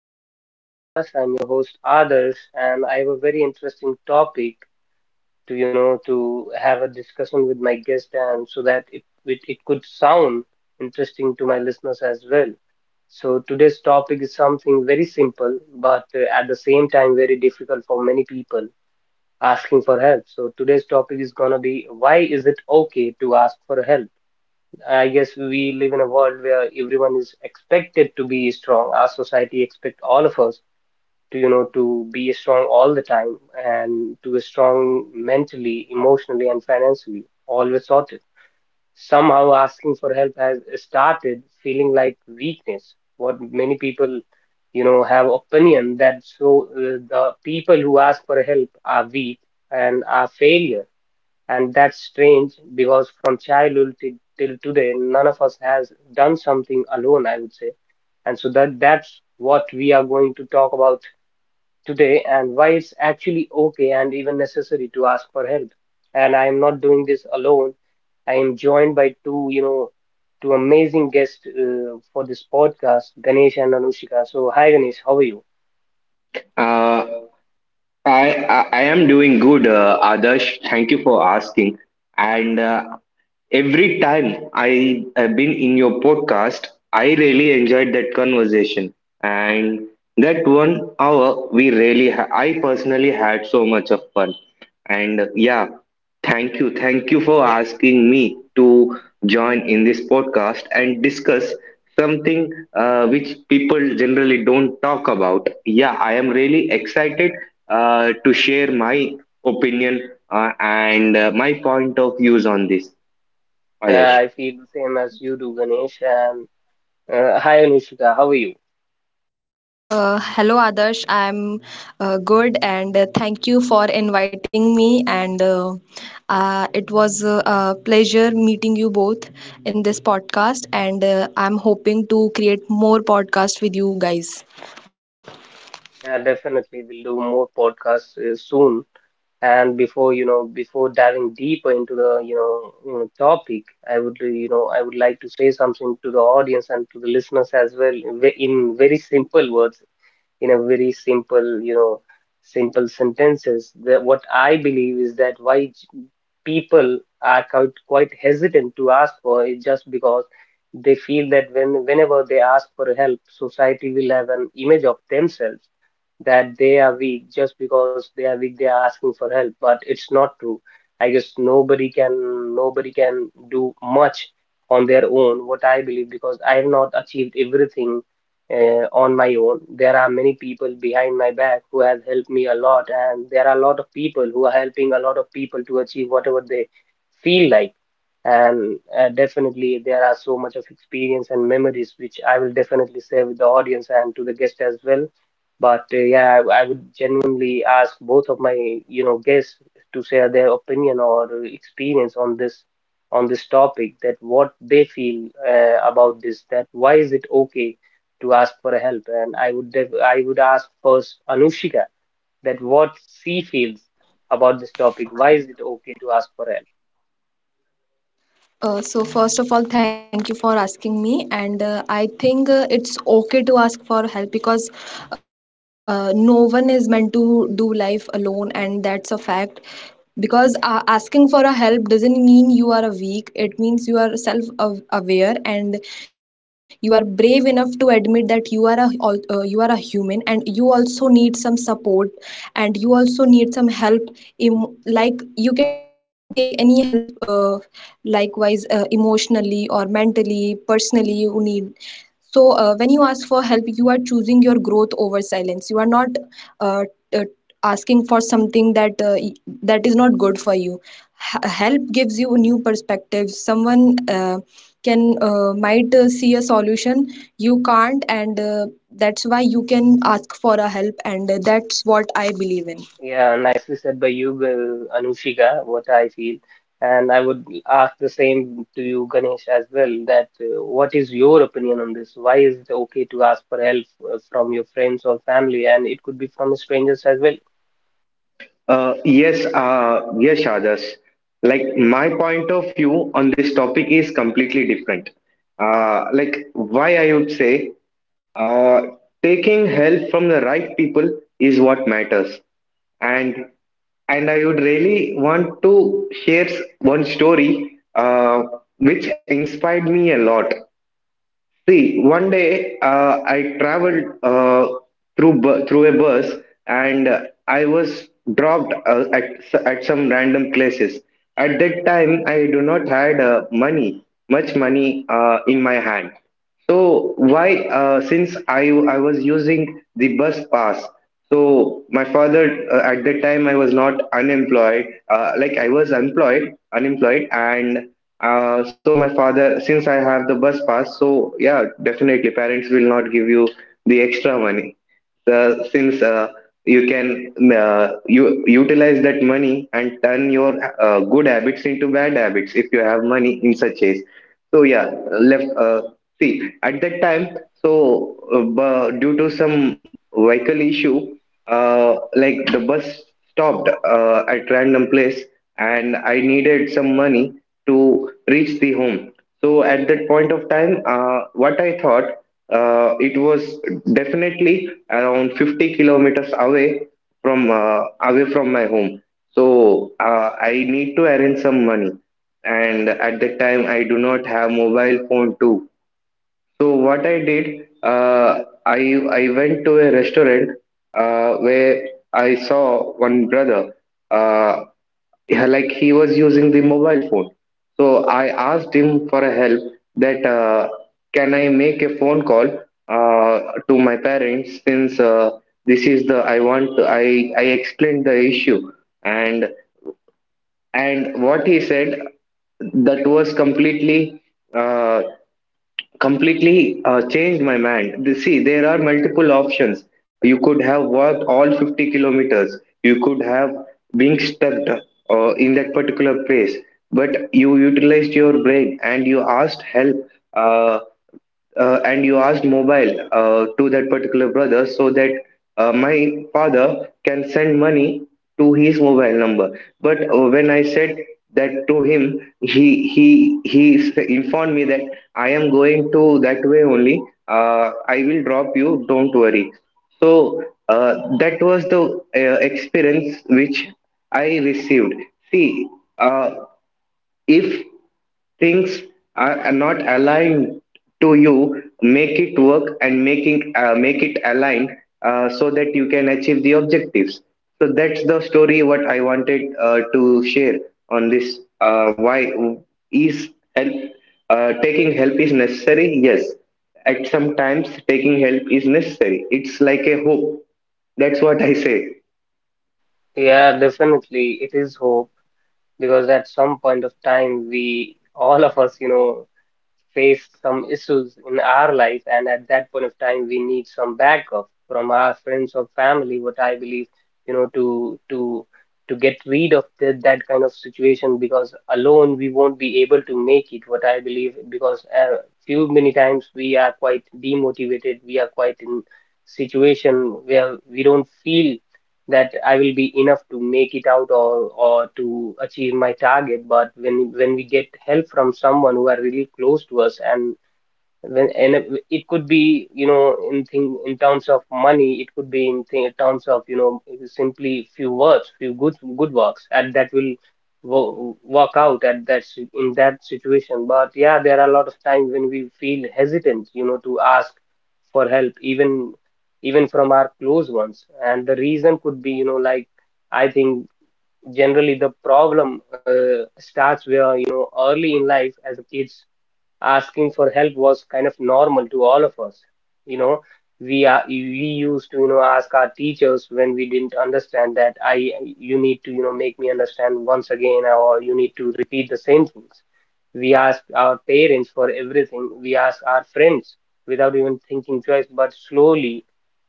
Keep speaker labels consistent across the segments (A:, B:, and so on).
A: to another podcast. I'm your host Adarsh and I have a very interesting topic to you know to have a discussion with my guest and so that it could sound interesting to my listeners as well. So today's topic is something very simple but at the same time very difficult for many people asking for help. So today's topic is going to be, why is it okay to ask for help? I guess we live in a world where everyone is expected to be strong. Our society expect all of us to, to be strong all the time and to be strong mentally, emotionally, and financially, always sorted. Somehow asking for help has started feeling like weakness. What many people, have opinion that the people who ask for help are weak and are failure, and that's strange because from childhood till today, none of us has done something alone, I would say. And so that's what we are going to talk about today, and why it's actually okay and even necessary to ask for help. And I am not doing this alone. I am joined by two amazing guests for this podcast, Ganesh and Anushika. So, hi Ganesh, how are you?
B: uh I am doing good, Adarsh. Thank you for asking. And every time I have been in your podcast, I really enjoyed that conversation. And that one hour, we really, I personally had so much of fun. And yeah, thank you. Thank you for asking me to join in this podcast and discuss something which people generally don't talk about. Yeah, I am really excited to share my opinion, and my point of views on this,
A: Yeah,
B: Adarsh.
A: I feel the same as you do, Ganesh. And hi Anushika, how are you?
C: Hello Adarsh, I'm good and thank you for inviting me, and it was a pleasure meeting you both in this podcast, and I'm hoping to create more podcasts with you guys.
A: Yeah, definitely. We'll do more podcasts soon. And before diving deeper into the, topic, I would, I would like to say something to the audience and to the listeners as well in in very simple words, in a very simple, simple sentences. That what I believe is that why people are quite hesitant to ask for it just because they feel that whenever they ask for help, society will have an image of themselves that they are weak, just because they are weak they are asking for help, but it's not true. I guess nobody can do much on their own, what I believe, because I have not achieved everything on my own. There are many people behind my back who has helped me a lot, and there are a lot of people who are helping a lot of people to achieve whatever they feel like. And definitely, there are so much of experience and memories which I will definitely share with the audience and to the guest as well. But yeah, I would genuinely ask both of my guests to share their opinion or experience on this topic, that what they feel about this, that why is it okay to ask for a help. And I would ask first Anushika, that what she feels about this topic, why is it okay to ask for help?
C: So first of all, thank you for asking me, and I think it's okay to ask for help because no one is meant to do life alone, and that's a fact. Because asking for a help doesn't mean you are a weak. It means you are self-aware and you are brave enough to admit that you are a human and you also need some support and you also need some help. Like you can take any help. Likewise, emotionally or mentally personally you need. So when you ask for help, you are choosing your growth over silence. You are not uh, uh, asking for something that that is not good for you. Help gives you a new perspective. Someone can might see a solution you can't, and that's why you can ask for a help, and that's what I believe in.
A: Yeah, nicely said by you, Anushika, what I feel. And I would ask the same to you Ganesh as well, that what is your opinion on this, why is it okay to ask for help from your friends or family, and it could be from strangers as well.
B: Yes, yes, Adarsh. Like my point of view on this topic is completely different. Like why I would say, uh, taking help from the right people is what matters, and and I would really want to share one story, which inspired me a lot. See, one day, I traveled, through through a bus, and I was dropped, at at some random places. At that time, I do not had, money, much money, in my hand. So why, since I was using the bus pass, so my father, at that time I was not unemployed, like I was employed, unemployed, and so my father, since I have the bus pass, so yeah, definitely parents will not give you the extra money, since you can, you utilize that money and turn your good habits into bad habits if you have money in such case. So yeah, left. See, at that time, so due to some vehicle issue, like the bus stopped at random place, and I needed some money to reach the home. So at that point of time, what I thought, it was definitely around 50 kilometers away from my home. So I need to arrange some money, and at that time, I do not have mobile phone too, so what I did, I I went to a restaurant, where I saw one brother. Uh, yeah, like he was using the mobile phone. So I asked him for a help that, can I make a phone call uh, to my parents, since, this is the I want to, I explained the issue, and and what he said, that was completely. Uh, Completely, changed my mind. See, there are multiple options. You could have walked all 50 kilometers. You could have been stuck, in that particular place, but you utilized your brain and you asked help. Uh, and you asked mobile, to that particular brother, so that my father can send money to his mobile number. But when I said that to him, he informed me that I am going to that way only. I will drop you, don't worry. So that was the, experience which I received. See, uh, if things are not aligned to you, make it work and making, make it aligned so that you can achieve the objectives. So that's the story what I wanted, to share on this, why is help, taking help is necessary. Yes, at some times taking help is necessary. It's like a hope. That's what I say.
A: Yeah, definitely, it is hope, because at some point of time, we all of us, face some issues in our life, and at that point of time we need some backup from our friends or family, what I believe. you know to to to get rid of that kind of situation, because alone we won't be able to make it, what I believe, because few many times we are quite demotivated, we are quite in situation where we don't feel that I will be enough to make it out, or to achieve my target. But when we get help from someone who are really close to us, and when and it could be, you know, in thing in terms of money, it could be in, thing, in terms of, you know, simply few words, few good works, and that will work out at that in that situation. But yeah, there are a lot of times when we feel hesitant, you know, to ask for help, even from our close ones. And the reason could be, you know, like, I think generally the problem starts where, you know, early in life as a kids, asking for help was kind of normal to all of us. You know, we used to, you know, ask our teachers when we didn't understand, that I, you need to, you know, make me understand once again, or you need to repeat the same things. We ask our parents for everything, we ask our friends without even thinking twice. But slowly,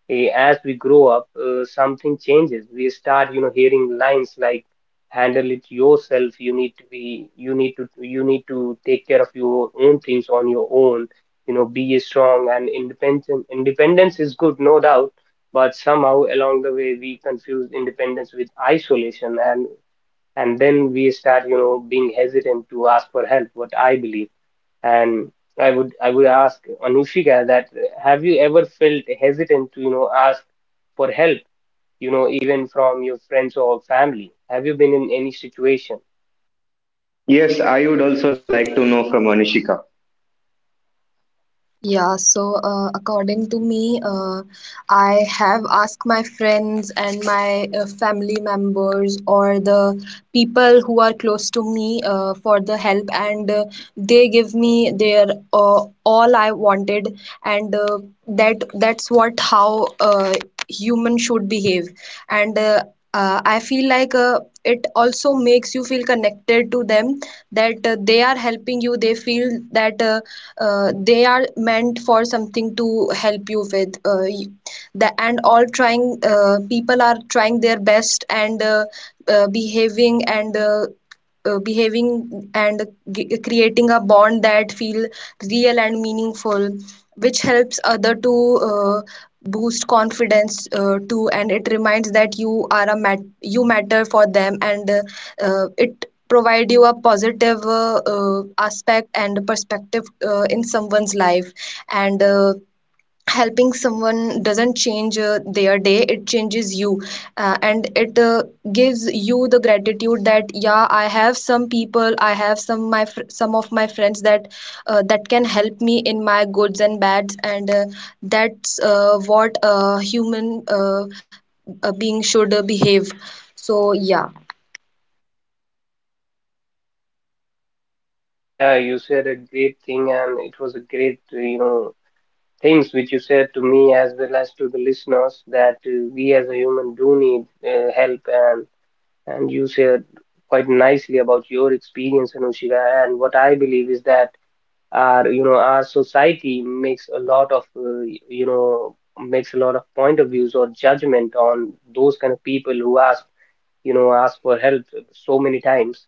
A: as we grow up, something changes. We start, you know, hearing lines like "handle it yourself," "you need to be," "you need to take care of your own things on your own." You know, be strong and independent. Independence is good, no doubt, but somehow along the way we confuse independence with isolation, and then we start, you know, being hesitant to ask for help. What I believe. And I would ask Anushika that have you ever felt hesitant to, you know, ask for help, you know, even from your friends or family? Have you been in any situation?
B: Yes, I would also like to know from Anishika.
C: Yeah, so according to me, I have asked my friends and my family members, or the people who are close to me, for the help, and they give me their all I wanted, and that's what how human should behave, and I feel like it also makes you feel connected to them, that they are helping you. They feel that. They are meant for something to help you with y- the, and all trying people are trying their best and behaving and behaving and g- creating a bond that feel real and meaningful, which helps other to boost confidence too, and it reminds that you are a you matter for them, and it provide you a positive aspect and perspective in someone's life, and helping someone doesn't change their day, it changes you, and it gives you the gratitude that yeah, I have some people, I have some of my friends that that can help me in my goods and bads, and that's what a human uh, being should behave. So yeah.
A: Yeah, you said a great thing, and it was a great, you know, things which you said to me as well as to the listeners, that we as a human do need help. And you said quite nicely about your experience, Anushika. And what I believe is that our, you know, our society makes a lot of you know makes a lot of point of views or judgment on those kind of people who ask, you know, ask for help so many times.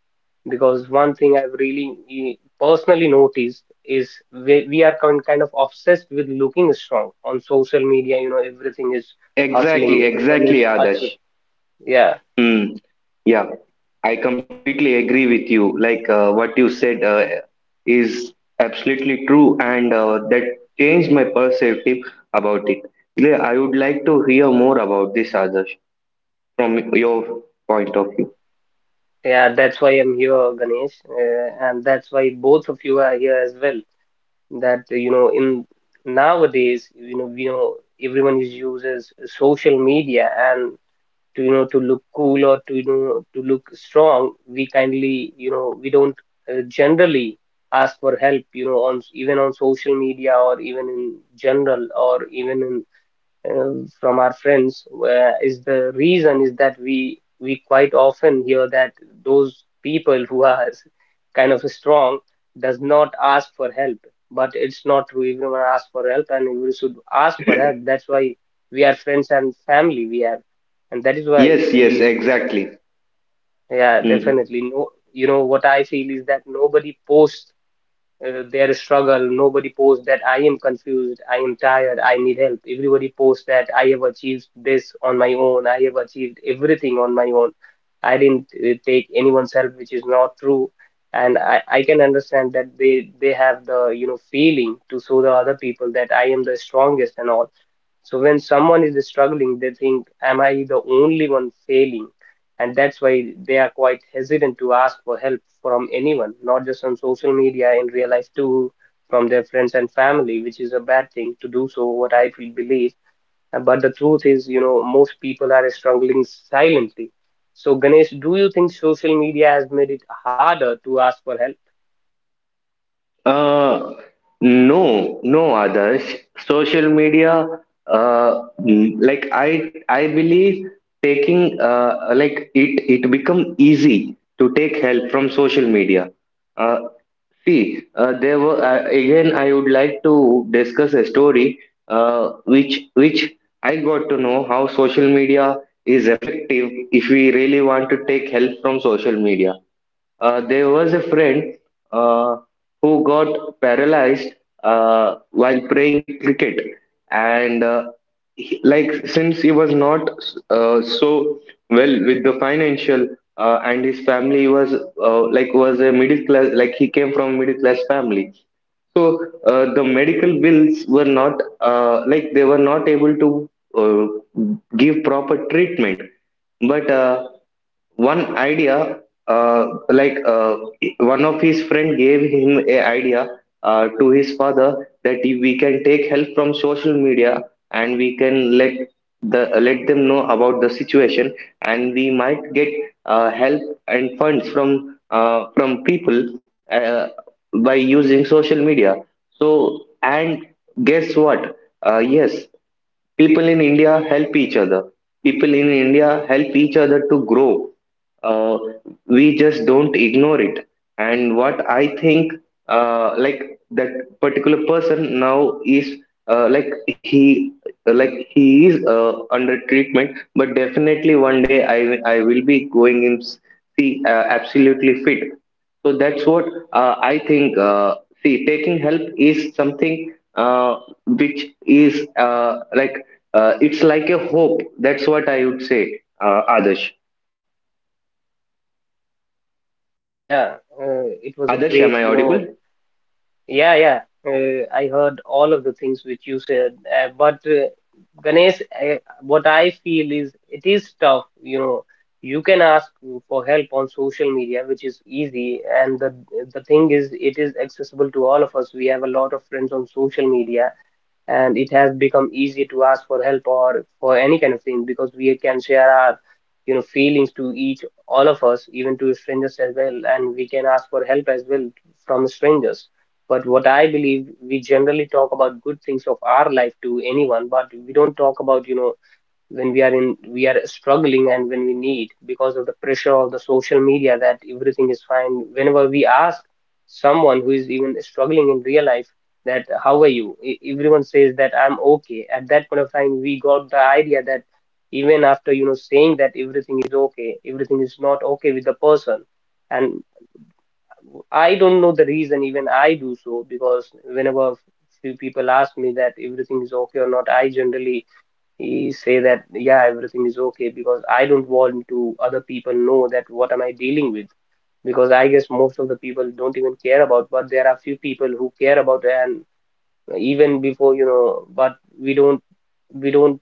A: Because one thing I've really personally noticed is we are kind of obsessed with looking strong on social media. You know, everything is hustling,
B: Exactly,
A: everyone is
B: exactly,
A: achieving.
B: Adarsh.
A: Yeah.
B: Mm, yeah, I completely agree with you. Like, what you said, is absolutely true, and that changed my perspective about it. Yeah, I would like to hear more about this, Adarsh, from your point of view.
A: Yeah, that's why I'm here Ganesh, and that's why both of you are here as well. That, you know, in nowadays, you know, we know everyone is uses social media, and to, you know, to look cool, or to, you know, to look strong, we kindly, you know, we don't generally ask for help, you know, on even on social media or even in general or even in, from our friends. Where is the reason is that we quite often hear that those people who are kind of strong does not ask for help. But it's not true, everyone asks for help, and we should ask for help. That's why we are friends and family we have. And that is why,
B: Yes, yes, exactly.
A: yeah, definitely. No, you know what I feel is that nobody posts their struggle. Nobody posts that I am confused, I am tired, I need help. Everybody posts that I have achieved this on my own, I have achieved everything on my own. I didn't take anyone's help, which is not true. And I can understand that they have the, you know, feeling to show the other people that I am the strongest and all. So when someone is struggling, they think, am I the only one failing? And that's why they are quite hesitant to ask for help from anyone, not just on social media, in real life too, from their friends and family, which is a bad thing to do so, what I feel believe. But the truth is, you know, most people are struggling silently. So, Ganesh, do you think social media has made it harder to ask for help?
B: Uh, no, no, Adarsh. Social media, like I believe taking, like it become easy to take help from social media. Uh, See, there were, again. I would like to discuss a story, which I got to know how social media is effective if we really want to take help from social media. There was a friend uh, who got paralyzed while playing cricket, and like since he was not, so well with the financial, and his family was, like was a middle class, like he came from middle class family. So the medical bills were not, like they were not able to, uh, give proper treatment. But one idea, like one of his friend gave him a idea, to his father, that if we can take help from social media and we can let them know about the situation, and we might get, help and funds from, from people, uh, by using social media. So, and guess what? Yes, people in india help each other people in India help each other to grow. Uh, we just don't ignore it. And what I think, like that particular person now is, like he is under treatment, but definitely one day I will be going and see, absolutely fit. So that's what, I think. See, taking help is something, which is, like, it's like a hope. That's what I would say, Adarsh.
A: Yeah, it was a
B: Adarsh, am
A: great,
B: I
A: you know.
B: audible?
A: Yeah, yeah. I heard all of the things which you said, but Ganesh, what I feel is it is tough. You know, you can ask for help on social media, which is easy, and the thing is, it is accessible to all of us. We have a lot of friends on social media, and it has become easy to ask for help or for any kind of thing because we can share our feelings to each all of us, even to strangers as well, and we can ask for help as well from strangers. But what I believe, we generally talk about good things of our life to anyone, but we don't talk about, when we are in, we are struggling and when we need, because of the pressure of the social media that everything is fine. Whenever we ask someone who is even struggling in real life that how are you, everyone says that I'm okay. At that point of time, we got the idea that even after, saying that everything is okay, everything is not okay with the person. And I don't know the reason, even I do so, because whenever few people ask me that everything is okay or not, I generally he say that yeah, everything is okay, because I don't want to other people know that what am I dealing with, because I guess most of the people don't even care about, but there are few people who care about. And even before, but we don't, we don't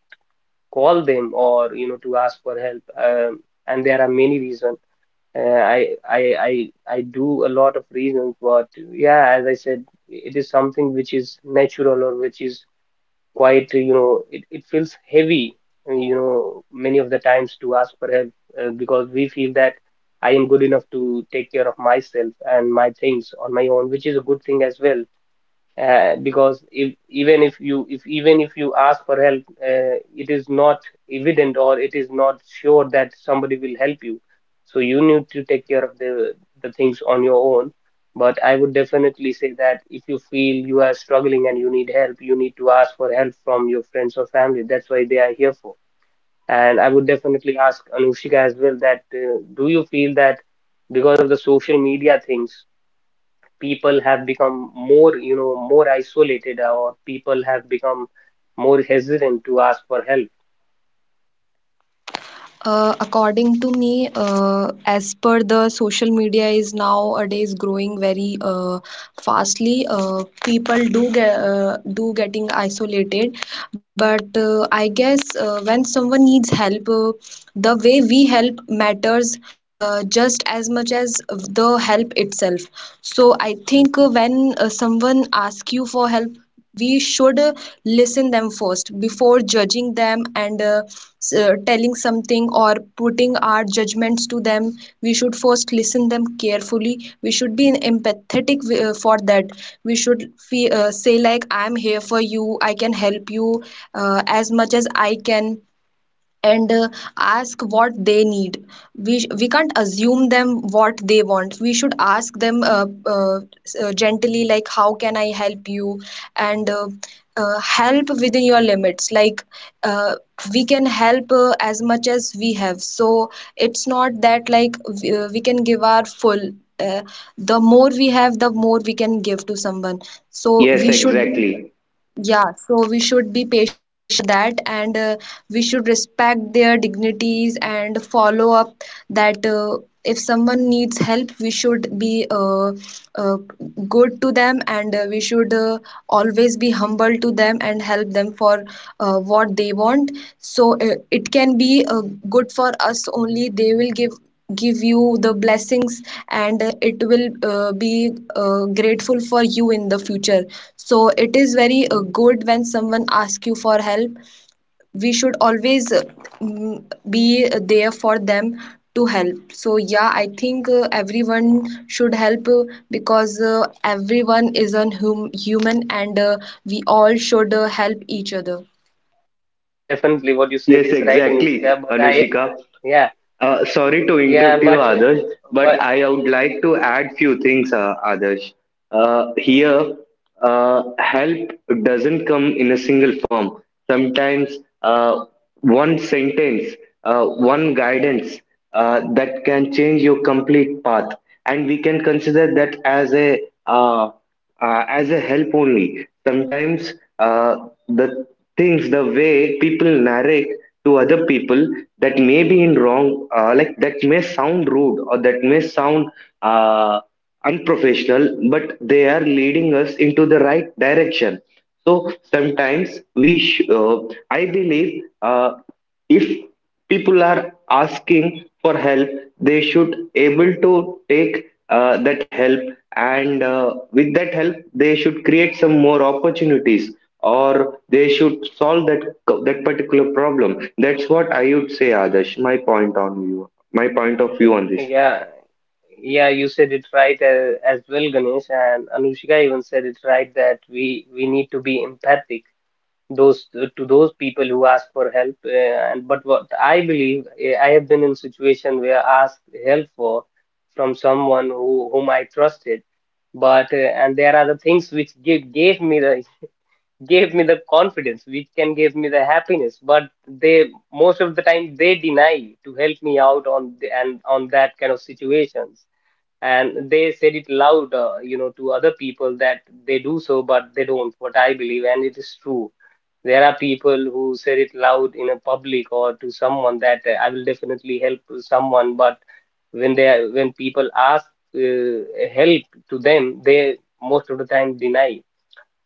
A: call them or to ask for help. And there are many reasons. uh, I, I i I do a lot of reasons, but yeah, as I said, it is something which is natural or which is quite, it feels heavy, many of the times, to ask for help. Because we feel that I am good enough to take care of myself and my things on my own, which is a good thing as well. Because if even if you if even if you ask for help, it is not evident or it is not sure that somebody will help you. So you need to take care of the things on your own. But I would definitely say that if you feel you are struggling and you need help, you need to ask for help from your friends or family. That's why they are here for. And I would definitely ask Anushika as well that do you feel that because of the social media things, people have become more, more isolated, or people have become more hesitant to ask for help.
C: According to me, as per the social media is nowadays growing very fastly, people do get do getting isolated. But I guess when someone needs help, the way we help matters just as much as the help itself. So I think when someone asks you for help, we should listen them first before judging them, and telling something or putting our judgments to them. We should first listen them carefully. We should be empathetic for that. We should say like, I am here for you, I can help you as much as I can, and ask what they need. We can't assume them what they want. We should ask them uh, gently, like, how can I help you? And help within your limits. Like uh, we can help as much as we have. So it's not that like we can give our full uh, the more we have, the more we can give to someone. So
B: Yes,
C: we should,
B: exactly.
C: yeah, so we should be patient for that, and we should respect their dignities and follow up that if someone needs help, we should be uh, good to them, and we should always be humble to them and help them for what they want. So it can be good for us only. They will give you the blessings, and it will be grateful for you in the future. So it is very good when someone asks you for help. We should always mm, be there for them to help. So yeah, I think everyone should help, because everyone is a human, and we all should help each other.
A: Yeah, definitely what you said
B: Yes,
A: is right,
B: exactly,
A: Anushka, but I,
B: Anushika.
A: yeah,
B: Sorry to
A: yeah,
B: interrupt you, Adarsh, but
A: but,
B: I would like to add few things, Adarsh. Here, help doesn't come in a single form. Sometimes, uh, one sentence, one guidance, that can change your complete path, and we can consider that as a, uh, as a help only. Sometimes, the things, the way people narrate to other people that may be in wrong, like that may sound rude or that may sound, uh, unprofessional, but they are leading us into the right direction. So sometimes, I believe, if people are asking for help, they should able to take, that help, and with that help they should create some more opportunities, or they should solve that particular problem. That's what I would say, Adarsh. My point of view on this.
A: yeah, yeah, you said it right as well, Ganesh, and Anushka even said it right that we need to be empathic those to those people who ask for help. And but what I believe I have been in situation where I asked help for from someone who whom I trusted, but and there are the things which give gave me the gave me the confidence which can give me the happiness, but they most of the time they deny to help me out on the, and on that kind of situations. And they said it loud, to other people that they do so, but they don't, what I believe, and it is true. There are people who said it loud in a public or to someone that I will definitely help someone, but when they are- when people ask uh, help to them, they most of the time deny.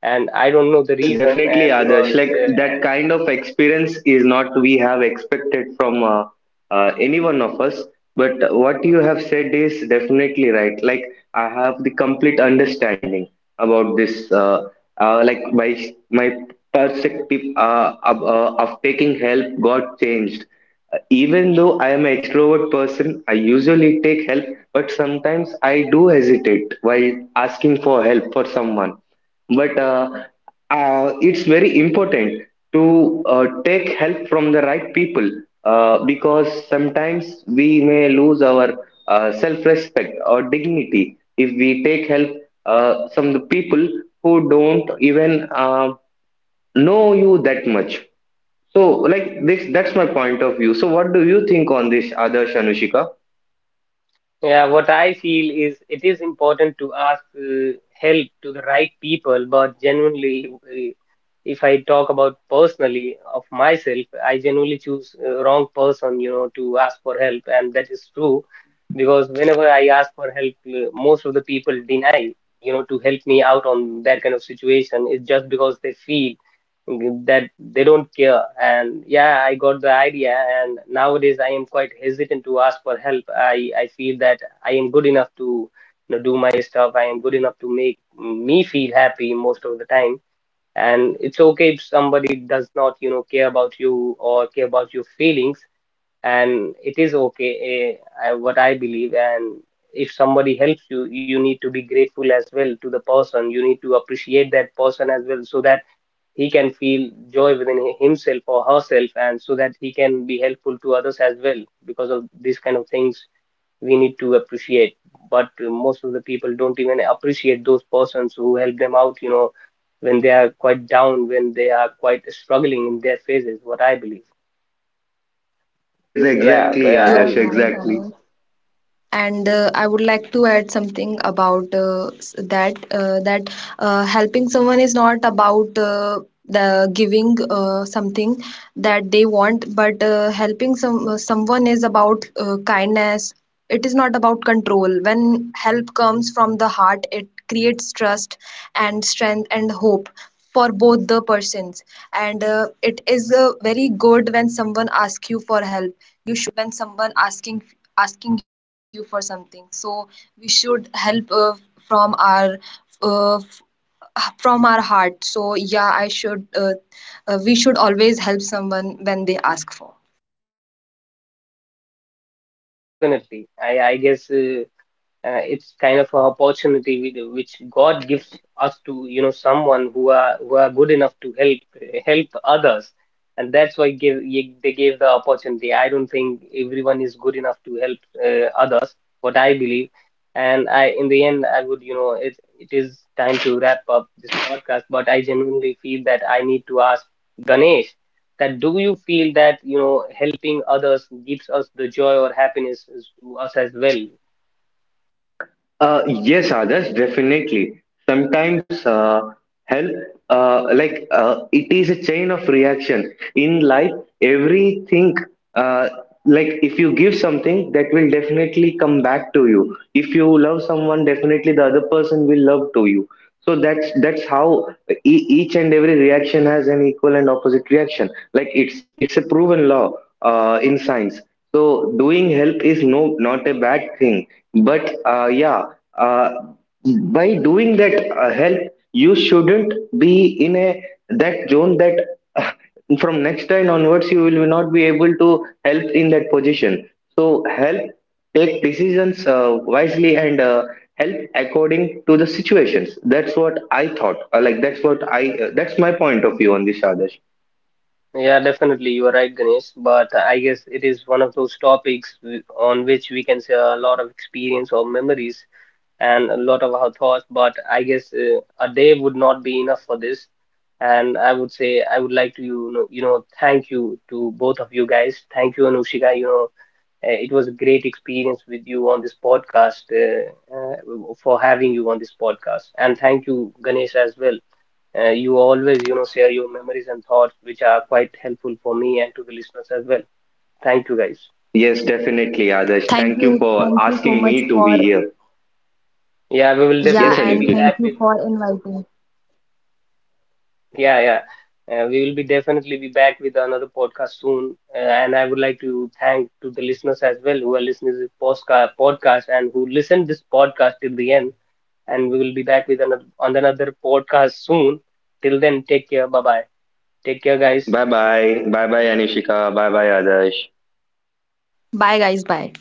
A: And I don't know the
B: Yes,
A: reason,
B: definitely, Adarsh.
A: because
B: Like that kind of experience is not we have expected from, any one of us. But what you have said is definitely right. Like I have the complete understanding about this, like my perspective, of taking help got changed. Even though I am an extrovert person, I usually take help, but sometimes I do hesitate while asking for help for someone. But, it's very important to, take help from the right people, because sometimes we may lose our, self respect or dignity if we take help, some of the people who don't even, know you that much. So, like this, that's my point of view. So, what do you think on this, Adarsh, Anushika?
A: Yeah, what I feel is it is important to ask help to the right people, but genuinely, if I talk about personally of myself, I genuinely choose wrong person, you know, to ask for help, and that is true. Because whenever I ask for help, most of the people deny, you know, to help me out on that kind of situation. It's just because they feel that they don't care. And yeah, I got the idea, and nowadays I am quite hesitant to ask for help. I feel that I am good enough to, you know, do my stuff. I am good enough to make me feel happy most of the time. And it's okay if somebody does not, you know, care about you or care about your feelings. And it is okay, what I believe, and if somebody helps you, you need to be grateful as well to the person. You need to appreciate that person as well, so that he can feel joy within himself or herself, and so that he can be helpful to others as well. Because of these kind of things, we need to appreciate. But most of the people don't even appreciate those persons who help them out, you know, when they are quite down, when they are quite struggling in their phases, what I believe.
B: Yes,
A: Yeah the-
B: exactly,
C: Yeah,
B: Adarsh,
A: and
C: you are right,
B: exactly.
C: Adarsh. And I would like to add something about that helping someone is not about the giving something that they want, but helping someone is about kindness. It is not about control. When help comes from the heart, it creates trust and strength and hope for both the persons. And it is very good when someone asks you for help. You when someone asking you for something, so we should help from our uh, from our heart. So yeah, I should we should always help someone when they ask for.
A: Yeah, definitely. I guess, it's kind of an opportunity with, which God gives us to, you know, someone who are good enough to help help others. And that's why they gave the opportunity. I don't think everyone is good enough to help others. What I believe, and I, in the end, I would, it it is time to wrap up this podcast. But I genuinely feel that I need to ask Ganesh that do you feel that, you know, helping others gives us the joy or happiness to us as well.
B: Yes, Adarsh, definitely. Sometimes, help, like, it is a chain of reaction. In life, everything, uh, like if you give something, that will definitely come back to you. If you love someone, definitely the other person will love to you. So that's how each and every reaction has an equal and opposite reaction. Like it's a proven law, in science. So doing help is no, not a bad thing. But yeah, uh, by doing that, help, you shouldn't be in a that zone that, uh, from next time onwards you will not be able to help in that position. So help, take decisions, wisely, and help according to the situations. That's what I thought. Like that's what I, that's my point of view on this, Adarsh.
A: Yeah, definitely. You are right, Ganesh. But I guess it is one of those topics on which we can share a lot of experience or memories and a lot of our thoughts. But I guess a day would not be enough for this. And I would say I would like to, thank you to both of you guys. Thank you, Anushika. You know, it was a great experience with you on this podcast. Uh, for having you on this podcast. And thank you, Ganesh, as well, you always, you know, share your memories and thoughts, which are quite helpful for me and to the listeners as well. Thank you, guys.
B: Yes, definitely, Adarsh.
C: Thank
B: Thank
C: you.
B: you for
C: Thank you so
B: asking
C: much
B: me to be
C: for,
B: here.
A: Yeah, we will
B: Yes,
C: yeah,
A: definitely
C: and
A: be
C: thank
B: Anukrishna.
A: back
C: you
A: with,
C: for inviting.
A: yeah, yeah. We will be definitely be back with another podcast soon. And I would like to thank to the listeners as well who are listening to this podcast and who listened this podcast till the end. And we will be back with another on another podcast soon. Till then, take care. Bye bye. Take care, guys.
B: Bye bye bye bye Anishika bye bye Adarsh
C: Bye guys, bye.